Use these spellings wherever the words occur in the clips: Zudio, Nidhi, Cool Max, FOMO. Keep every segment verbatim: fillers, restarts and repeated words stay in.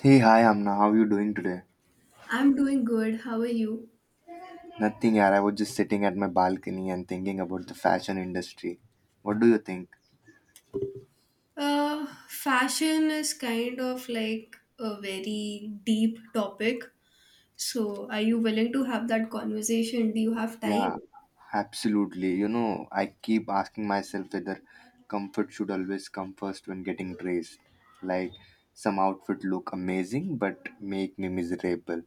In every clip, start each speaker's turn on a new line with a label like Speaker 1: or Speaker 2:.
Speaker 1: Hey, hi Amna, how you doing today?
Speaker 2: I'm doing good. How are you?
Speaker 1: Nothing, yaar. I was just sitting at my balcony and thinking about the fashion industry. What do you think?
Speaker 2: Uh, fashion is kind of like a very deep topic. So, are you willing to have that conversation? Do you have time?
Speaker 1: Yeah, absolutely. You know, I keep asking myself whether comfort should always come first when getting dressed. Like, some outfit look amazing but make me miserable.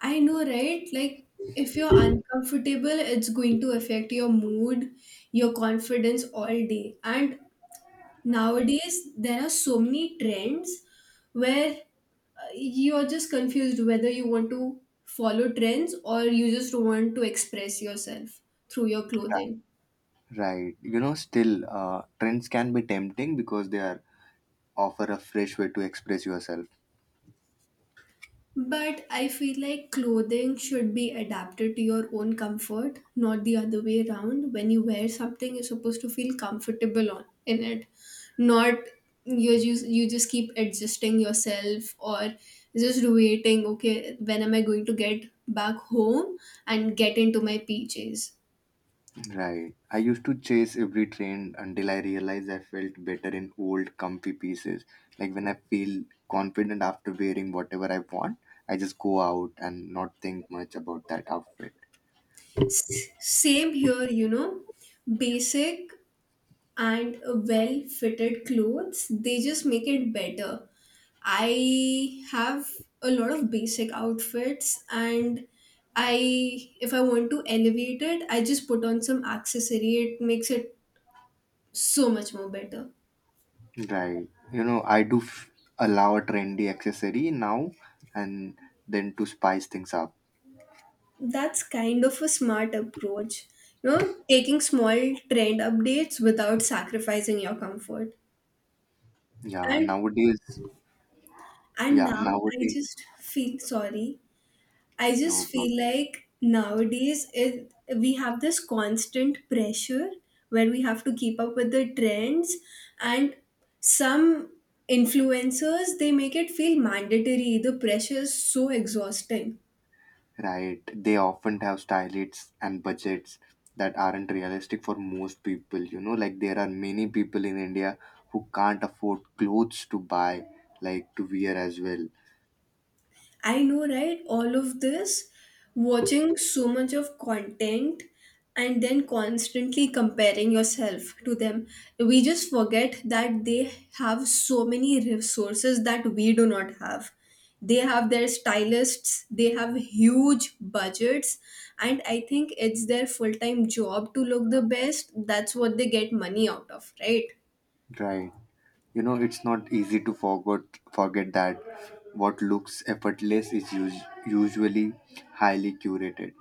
Speaker 2: I know, right? Like, if you're uncomfortable, it's going to affect your mood, your confidence all day. And nowadays there are so many trends where uh, you're just confused whether you want to follow trends or you just want to express yourself through your clothing.
Speaker 1: Right. You know, still, uh, trends can be tempting because they are offer a fresh way to express yourself.
Speaker 2: But I feel like clothing should be adapted to your own comfort, not the other way around. When you wear something, you're supposed to feel comfortable on in it, not you just you just keep adjusting yourself or just waiting. Okay, when am I going to get back home and get into my P J's?
Speaker 1: Right. I used to chase every trend until I realized I felt better in old, comfy pieces. Like when I feel confident after wearing whatever I want, I just go out and not think much about that outfit.
Speaker 2: S- Same here, you know, basic and well fitted clothes. They just make it better. I have a lot of basic outfits, and I, if I want to elevate it, I just put on some accessory. It makes it so much more better.
Speaker 1: Right. You know, I do f- allow a trendy accessory now and then to spice things up.
Speaker 2: That's kind of a smart approach. You know, taking small trend updates without sacrificing your comfort.
Speaker 1: Yeah,
Speaker 2: And
Speaker 1: nowadays,
Speaker 2: and
Speaker 1: yeah,
Speaker 2: now I
Speaker 1: nowadays,
Speaker 2: just feel sorry, I
Speaker 1: no
Speaker 2: just
Speaker 1: problem.
Speaker 2: feel like nowadays it we have this constant pressure where we have to keep up with the trends, and some influencers they make it feel mandatory. The pressure is so exhausting.
Speaker 1: Right. They often have stylists and budgets that aren't realistic for most people. You know, like there are many people in India who can't afford clothes to buy, like to wear as well.
Speaker 2: I know, right? All of this, watching so much of content and then constantly comparing yourself to them. We just forget that they have so many resources that we do not have. They have their stylists, they have huge budgets, and I think it's their full time job to look the best. That's what they get money out of, right?
Speaker 1: Right. You know, it's not easy to forget forget that what looks effortless is us- usually highly curated.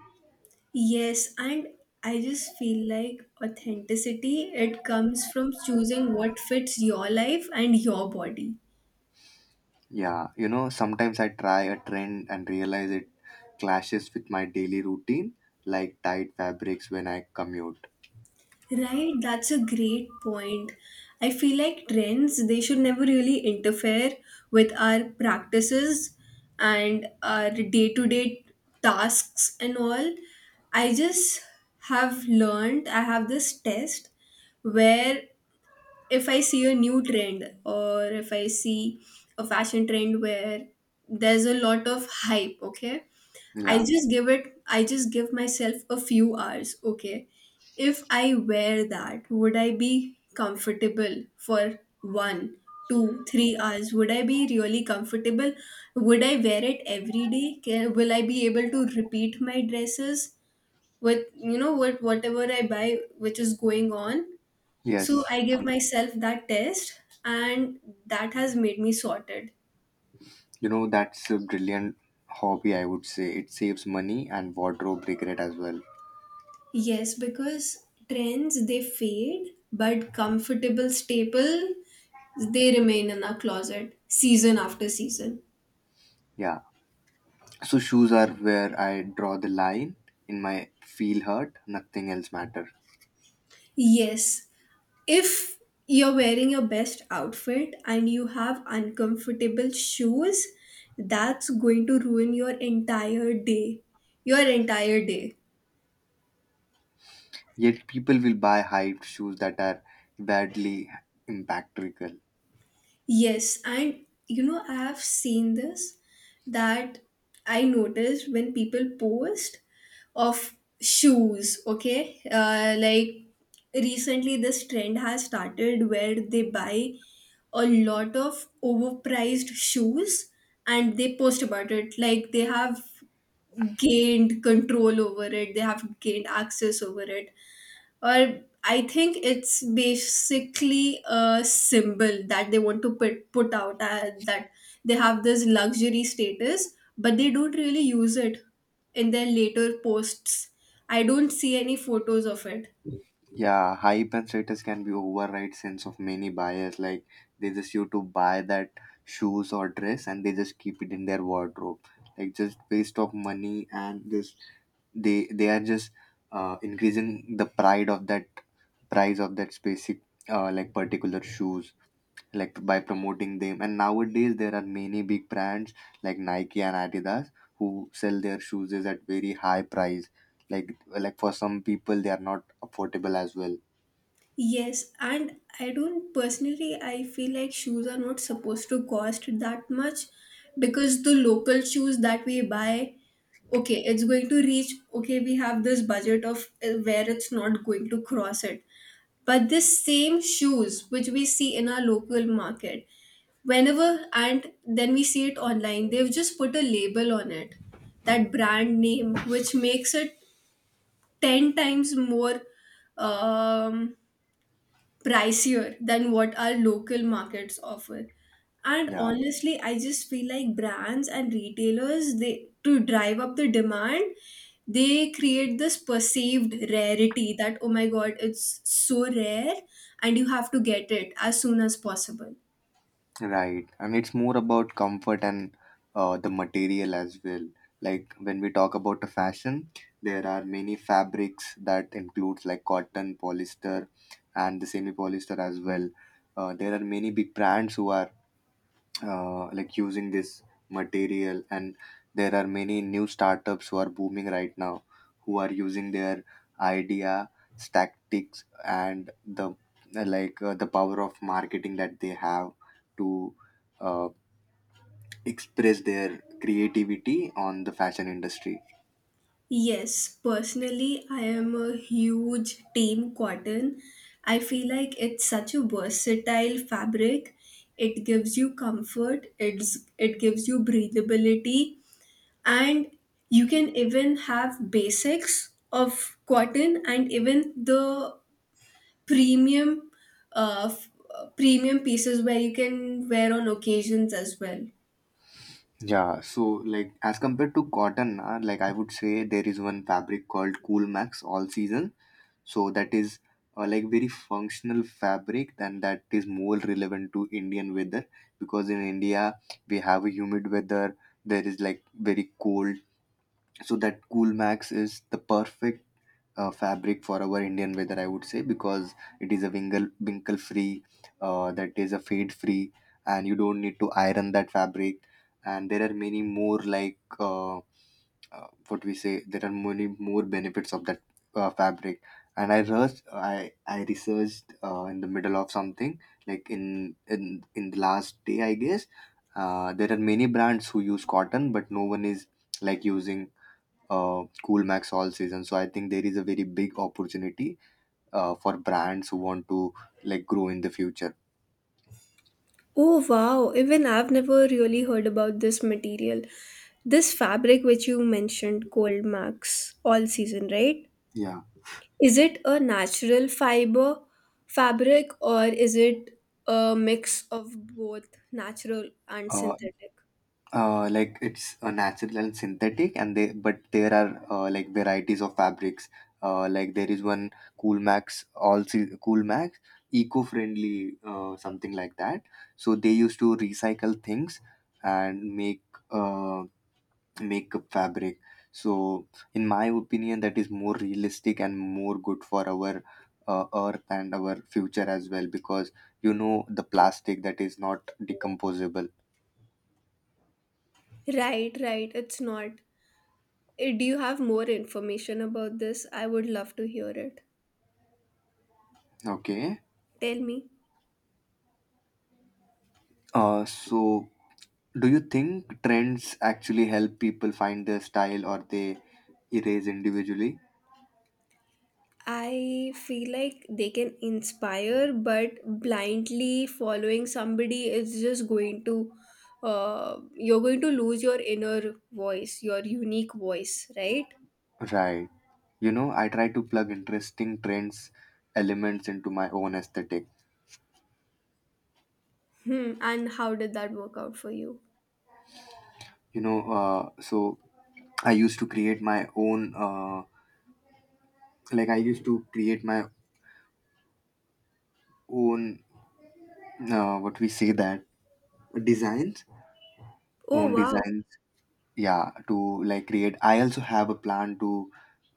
Speaker 2: Yes, and I just feel like authenticity it comes from choosing what fits your life and your body.
Speaker 1: Yeah, you know, sometimes I try a trend and realize it clashes with my daily routine, like tight fabrics when I commute.
Speaker 2: Right? That's a great point. I feel like trends they should never really interfere with our practices and our day-to-day tasks and all. I just have learned, I have this test where if I see a new trend or if I see a fashion trend where there's a lot of hype, okay, I
Speaker 1: Yeah.
Speaker 2: just give it, I just give myself a few hours, okay. If I wear that, would I be comfortable for one, two, three hours? Would I be really comfortable? Would I wear it every day? Can, will I be able to repeat my dresses with, you know, with whatever I buy, which is going on? So
Speaker 1: Yes,
Speaker 2: I
Speaker 1: um,
Speaker 2: give myself that test, and that has made me sorted.
Speaker 1: you know, that's a brilliant hobby, I would say. It saves money and wardrobe regret as well.
Speaker 2: Yes, because trends they fade, but comfortable staple they remain in our closet season after season.
Speaker 1: Yeah. So shoes are where I draw the line in my feel hurt, nothing else matter.
Speaker 2: Yes, if you're wearing your best outfit and you have uncomfortable shoes, that's going to ruin your entire day. Your entire day.
Speaker 1: Yet people will buy hype shoes that are badly impactful.
Speaker 2: Yes, and you know, I have seen this that I noticed when people post of shoes, okay? Uh, like recently, this trend has started where they buy a lot of overpriced shoes and they post about it. Like they have gained control over it, they have gained access over it, or I think it's basically a symbol that they want to put put out uh, that they have this luxury status, but they don't really use it in their later posts. I don't see any photos of it.
Speaker 1: Yeah, hype and status can be override sense of many buyers. Like they just used to buy that shoes or dress and they just keep it in their wardrobe. Like just waste of money and just they they are just uh, increasing the pride of that price of that specific uh, like particular shoes like by promoting them. And nowadays there are many big brands like Nike and Adidas who sell their shoes is at very high price, like like for some people they are not affordable as well.
Speaker 2: Yes, and I don't personally, I feel like shoes are not supposed to cost that much because the local shoes that we buy, okay, it's going to reach, okay, we have this budget of uh, where it's not going to cross it. But this same shoes, which we see in our local market, whenever and then we see it online, they've just put a label on it, that brand name, which makes it ten times more um pricier than what our local markets offer. And
Speaker 1: Yeah.
Speaker 2: honestly, I just feel like brands and retailers, they to drive up the demand, they create this perceived rarity that oh my god, it's so rare and you have to get it as soon as possible.
Speaker 1: Right, and it's more about comfort and uh, the material as well. Like when we talk about the fashion, there are many fabrics that includes like cotton, polyester, and the semi-polyester as well. Uh, there are many big brands who are uh, like using this material, and there are many new startups who are booming right now who are using their idea tactics and the like uh, the power of marketing that they have to uh, express their creativity on the fashion industry.
Speaker 2: Yes, personally, I am a huge team cotton. I feel like it's such a versatile fabric. It gives you comfort, it's, it gives you breathability, and you can even have basics of cotton and even the premium uh, f- uh, premium pieces where you can wear on occasions as well.
Speaker 1: Yeah, so like as compared to cotton, uh, like I would say there is one fabric called Cool Max all season. So that is uh, like very functional fabric, and that is more relevant to Indian weather because in India we have a humid weather, there is like very cold. So that Cool Max is the perfect uh, fabric for our Indian weather, I would say, because it is a winkle, winkle free, uh, that is a fade free, and you don't need to iron that fabric. And there are many more, like uh, uh, what we say, there are many more benefits of that uh, fabric. And I researched, I, I researched uh, in the middle of something, like in in in the last day, I guess. Uh, there are many brands who use cotton, but no one is like using uh, Cool Max all season. So I think there is a very big opportunity uh, for brands who want to like grow in the future.
Speaker 2: Oh wow, even I've never really heard about this material. This fabric which you mentioned, cold max, all season, right?
Speaker 1: Yeah.
Speaker 2: Is it a natural fiber fabric or is it a mix of both natural and
Speaker 1: uh,
Speaker 2: synthetic?
Speaker 1: uh, like it's a natural and synthetic, and they but there are uh, like varieties of fabrics. Uh, like there is one cool max all se- Cool Max eco-friendly, uh, something like that. So they used to recycle things and make uh, makeup fabric. So, in my opinion, that is more realistic and more good for our uh, earth and our future as well, because you know the plastic that is not decomposable.
Speaker 2: Right, right, it's not. Eh, Do you have more information about this? I would love to hear it.
Speaker 1: Okay.
Speaker 2: Tell me.
Speaker 1: Uh, so, do you think trends actually help people find their style or they erase individually?
Speaker 2: I feel like they can inspire, but blindly following somebody is just going to, uh, you're going to lose your inner voice, your unique voice, right?
Speaker 1: Right. You know, I try to plug interesting trends elements into my own aesthetic.
Speaker 2: Hmm. And how did that work out for you?
Speaker 1: You know, uh, so I used to create my own. Uh, like I used to create my own uh, what we say that designs,
Speaker 2: Oh,
Speaker 1: own
Speaker 2: wow.
Speaker 1: designs. Yeah, to like create. I also have a plan to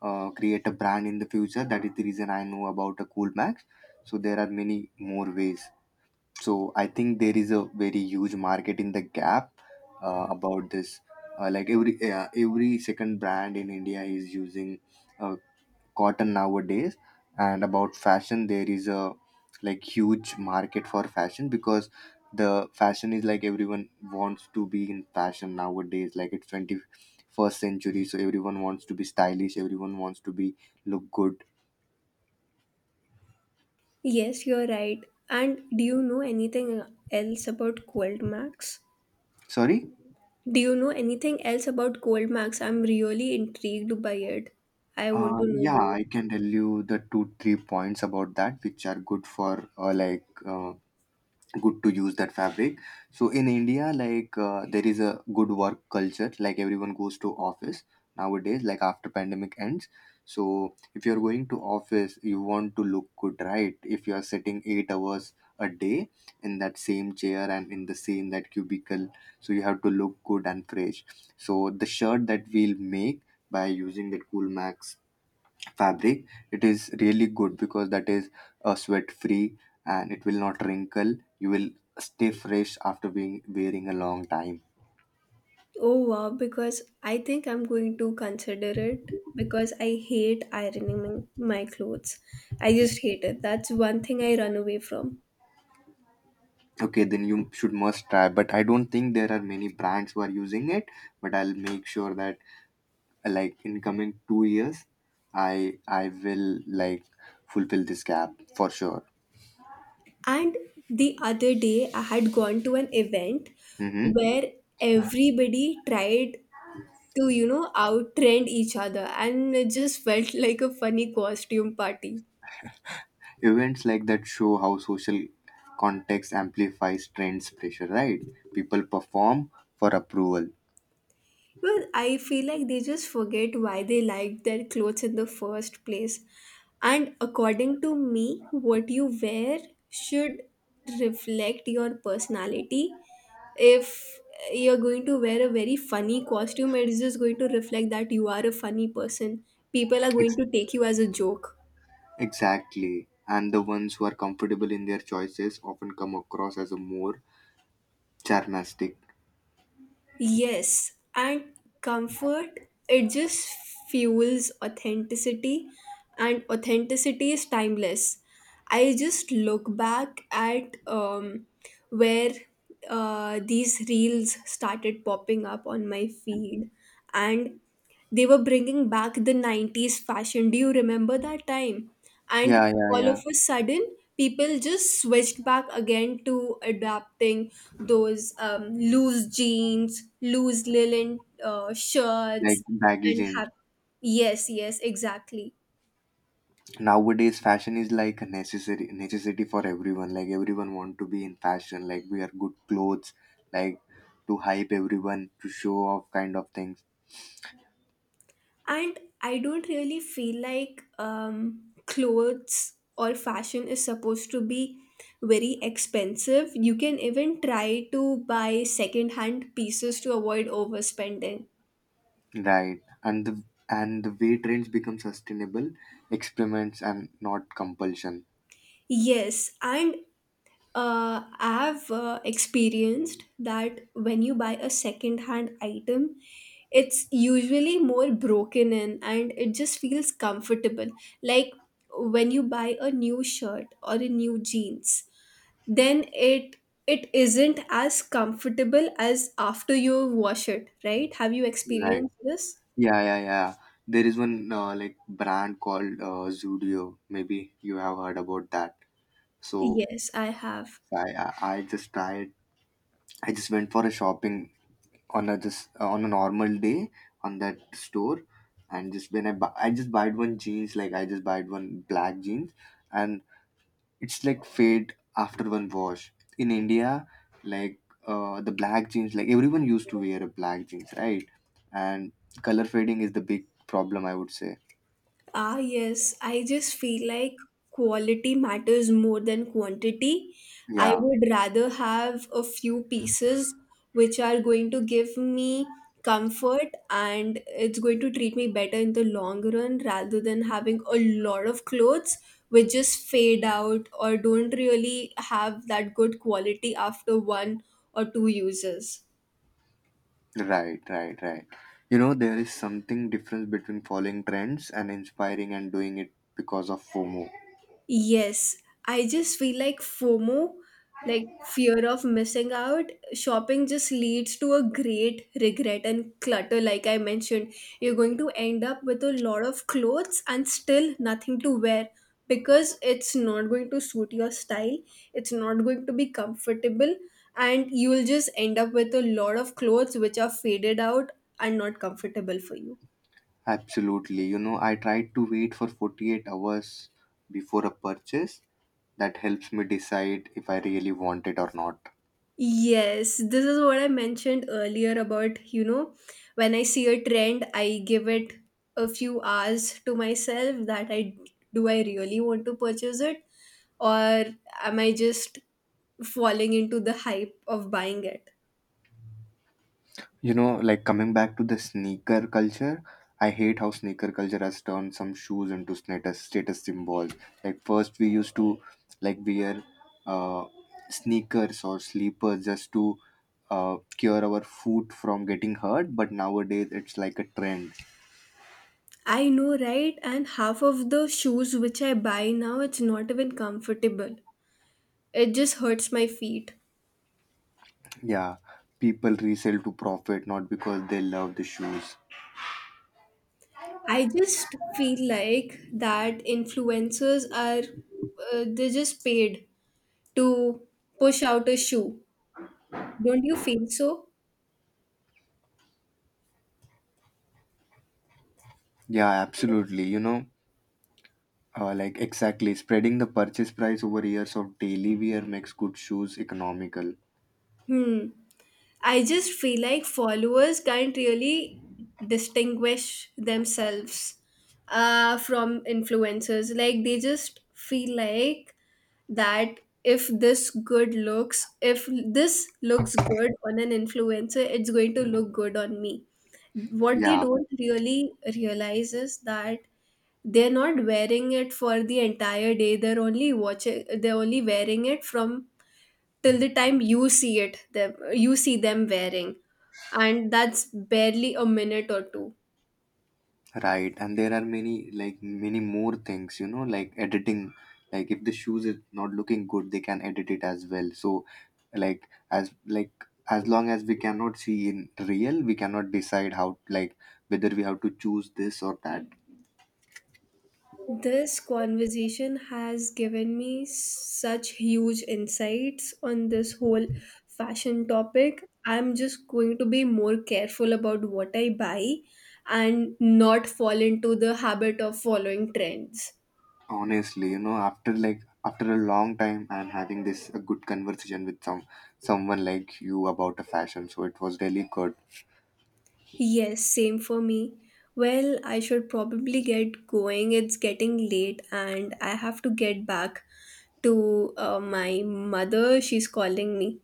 Speaker 1: uh, create a brand in the future. That is the reason I know about a Cool Max. So there are many more ways, so I think there is a very huge market in the gap uh, about this. Uh, like every uh, every second brand in India is using uh, cotton nowadays. And about fashion, there is a like huge market for fashion, because the fashion is like everyone wants to be in fashion nowadays. Like it's twenty-first century, so everyone wants to be stylish, everyone wants to be look good.
Speaker 2: Yes, you're right. And do you know anything else about cold max?
Speaker 1: Sorry.
Speaker 2: Do you know anything else about cold max? I'm really intrigued by it. I want
Speaker 1: Uh,
Speaker 2: to know
Speaker 1: yeah,
Speaker 2: more.
Speaker 1: I can tell you the two, three points about that which are good for uh, like uh, good to use that fabric. So in India, like uh, there is a good work culture, like everyone goes to office nowadays, like after pandemic ends. So if you're going to office, you want to look good, right? If you are sitting eight hours a day in that same chair and in the same that cubicle, so you have to look good and fresh. So the shirt that we'll make by using that Cool Max fabric, it is really good because that is uh, sweat free and it will not wrinkle. You will stay fresh after being wearing a long time.
Speaker 2: Oh wow, because I think I'm going to consider it because I hate ironing m- my clothes. I just hate it. That's one thing I run away from.
Speaker 1: Okay, then you should must try, but I don't think there are many brands who are using it. But I'll make sure that uh, like in coming two years, i i will like fulfill this gap for sure.
Speaker 2: And the other day, I had gone to an event
Speaker 1: Hmm.
Speaker 2: where everybody tried to, you know, outtrend each other, and it just felt like a funny costume party.
Speaker 1: Events like that show how social context amplifies trends pressure, right? People perform for approval.
Speaker 2: Well, I feel like they just forget why they like their clothes in the first place. And according to me, what you wear should reflect your personality. If you're going to wear a very funny costume, it is just going to reflect that you are a funny person. People are going to take you as a joke.
Speaker 1: Exactly. And the ones who are comfortable in their choices often come across as a more charmastic.
Speaker 2: Yes, and comfort, it just fuels authenticity, and authenticity is timeless. I just look back at um, where uh, these reels started popping up on my feed, and they were bringing back the nineties fashion. Do you remember that time?
Speaker 1: Yeah,
Speaker 2: And
Speaker 1: yeah,
Speaker 2: all of
Speaker 1: yeah.
Speaker 2: a sudden, people just switched back again to adapting those um, loose jeans, loose linen uh,
Speaker 1: Like
Speaker 2: shirts,
Speaker 1: baggy
Speaker 2: and
Speaker 1: jeans.
Speaker 2: have. Yes, yes, exactly.
Speaker 1: Nowadays, fashion is like a necessary necessity for everyone. Like everyone want to be in fashion. Like wear good clothes. Like to hype everyone, to show off kind of things.
Speaker 2: And I don't really feel like um, clothes or fashion is supposed to be very expensive. You can even try to buy second hand pieces to avoid overspending.
Speaker 1: Right. And the and the way trends become sustainable, experiments and not compulsion.
Speaker 2: Yes, and uh, i've uh, experienced that when you buy a second hand item, it's usually more broken in and it just feels comfortable. Like when you buy a new shirt or a new jeans, then it it isn't as comfortable as after you wash it, right? Have you
Speaker 1: Right.
Speaker 2: experienced this?
Speaker 1: Yeah, yeah, yeah. There is one uh, like brand called uh, Zudio. Maybe you have heard about that. So
Speaker 2: Yes, I have.
Speaker 1: I, I I just tried. I just went for a shopping on a just uh, on a normal day on that store, and just when I bu- I just bought one jeans, like I just bought one black jeans, and it's like fade after one wash. In India, like uh, the black jeans, like everyone used to wear a black jeans, right? And color fading is the big problem, I would say.
Speaker 2: Ah, yes. I just feel like quality matters more than quantity. I
Speaker 1: Yeah.
Speaker 2: would rather have a few pieces which are going to give me comfort and it's going to treat me better in the long run rather than having a lot of clothes which just fade out or don't really have that good quality after one or two uses.
Speaker 1: Right, right, right. You know, there is something difference between following trends and inspiring and doing it because of FOMO.
Speaker 2: Yes, I just feel like FOMO, like fear of missing out. Shopping just leads to a great regret and clutter, like I mentioned. You're going to end up with a lot of clothes and still nothing to wear because it's not going to suit your style, it's not going to be comfortable, and you will just end up with a lot of clothes which are faded out and not comfortable for you.
Speaker 1: Absolutely. You know, I tried to wait for forty-eight hours before a purchase. That helps me decide if I really want it or not.
Speaker 2: Yes, this is what I mentioned earlier about, you know, when I see a trend, I give it a few hours to myself that I do I really want to purchase it or am I just falling into the hype of buying it?
Speaker 1: You know, like coming back to the sneaker culture, I hate how sneaker culture has turned some shoes into status status symbols. Like first we used to like wear uh, sneakers or sleepers just to uh, cure our foot from getting hurt, but nowadays it's like a trend.
Speaker 2: I know, right? And half of the shoes which I buy now, it's not even comfortable. It just hurts my feet.
Speaker 1: Yeah, people resell to profit not because they love the shoes.
Speaker 2: I just feel like that influencers are, uh, they're just paid to push out a shoe. Don't you feel so?
Speaker 1: Yeah, absolutely. You know, uh, like exactly spreading the purchase price over years of daily wear makes good shoes economical.
Speaker 2: Hmm. I just feel like followers can't really distinguish themselves uh, from influencers. Like, they just feel like that if this good looks, if this looks good on an influencer, it's going to look good on me. What they
Speaker 1: Yeah.
Speaker 2: don't really realize is that they're not wearing it for the entire day, they're only watching, they're only wearing it from till the time you see it them, you see them wearing, and that's barely a minute or two.
Speaker 1: Right, and there are many like many more things, you know, like editing. Like if the shoes is not looking good, they can edit it as well. So, like as like as long as we cannot see in real, we cannot decide how like whether we have to choose this or that.
Speaker 2: This conversation has given me such huge insights on this whole fashion topic. I'm just going to be more careful about what I buy and not fall into the habit of following trends.
Speaker 1: Honestly, you know, after like after a long time, I'm having this a good conversation with some someone like you about a fashion. So it was really good.
Speaker 2: Yes, same for me. Well, I should probably get going. It's getting late and I have to get back to uh, my mother. She's calling me.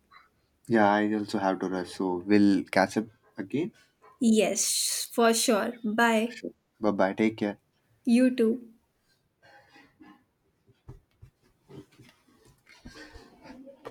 Speaker 1: Yeah, I also have to rush. So we'll catch up again.
Speaker 2: Yes, for sure. Bye.
Speaker 1: Sure. Bye bye. Take care.
Speaker 2: You too.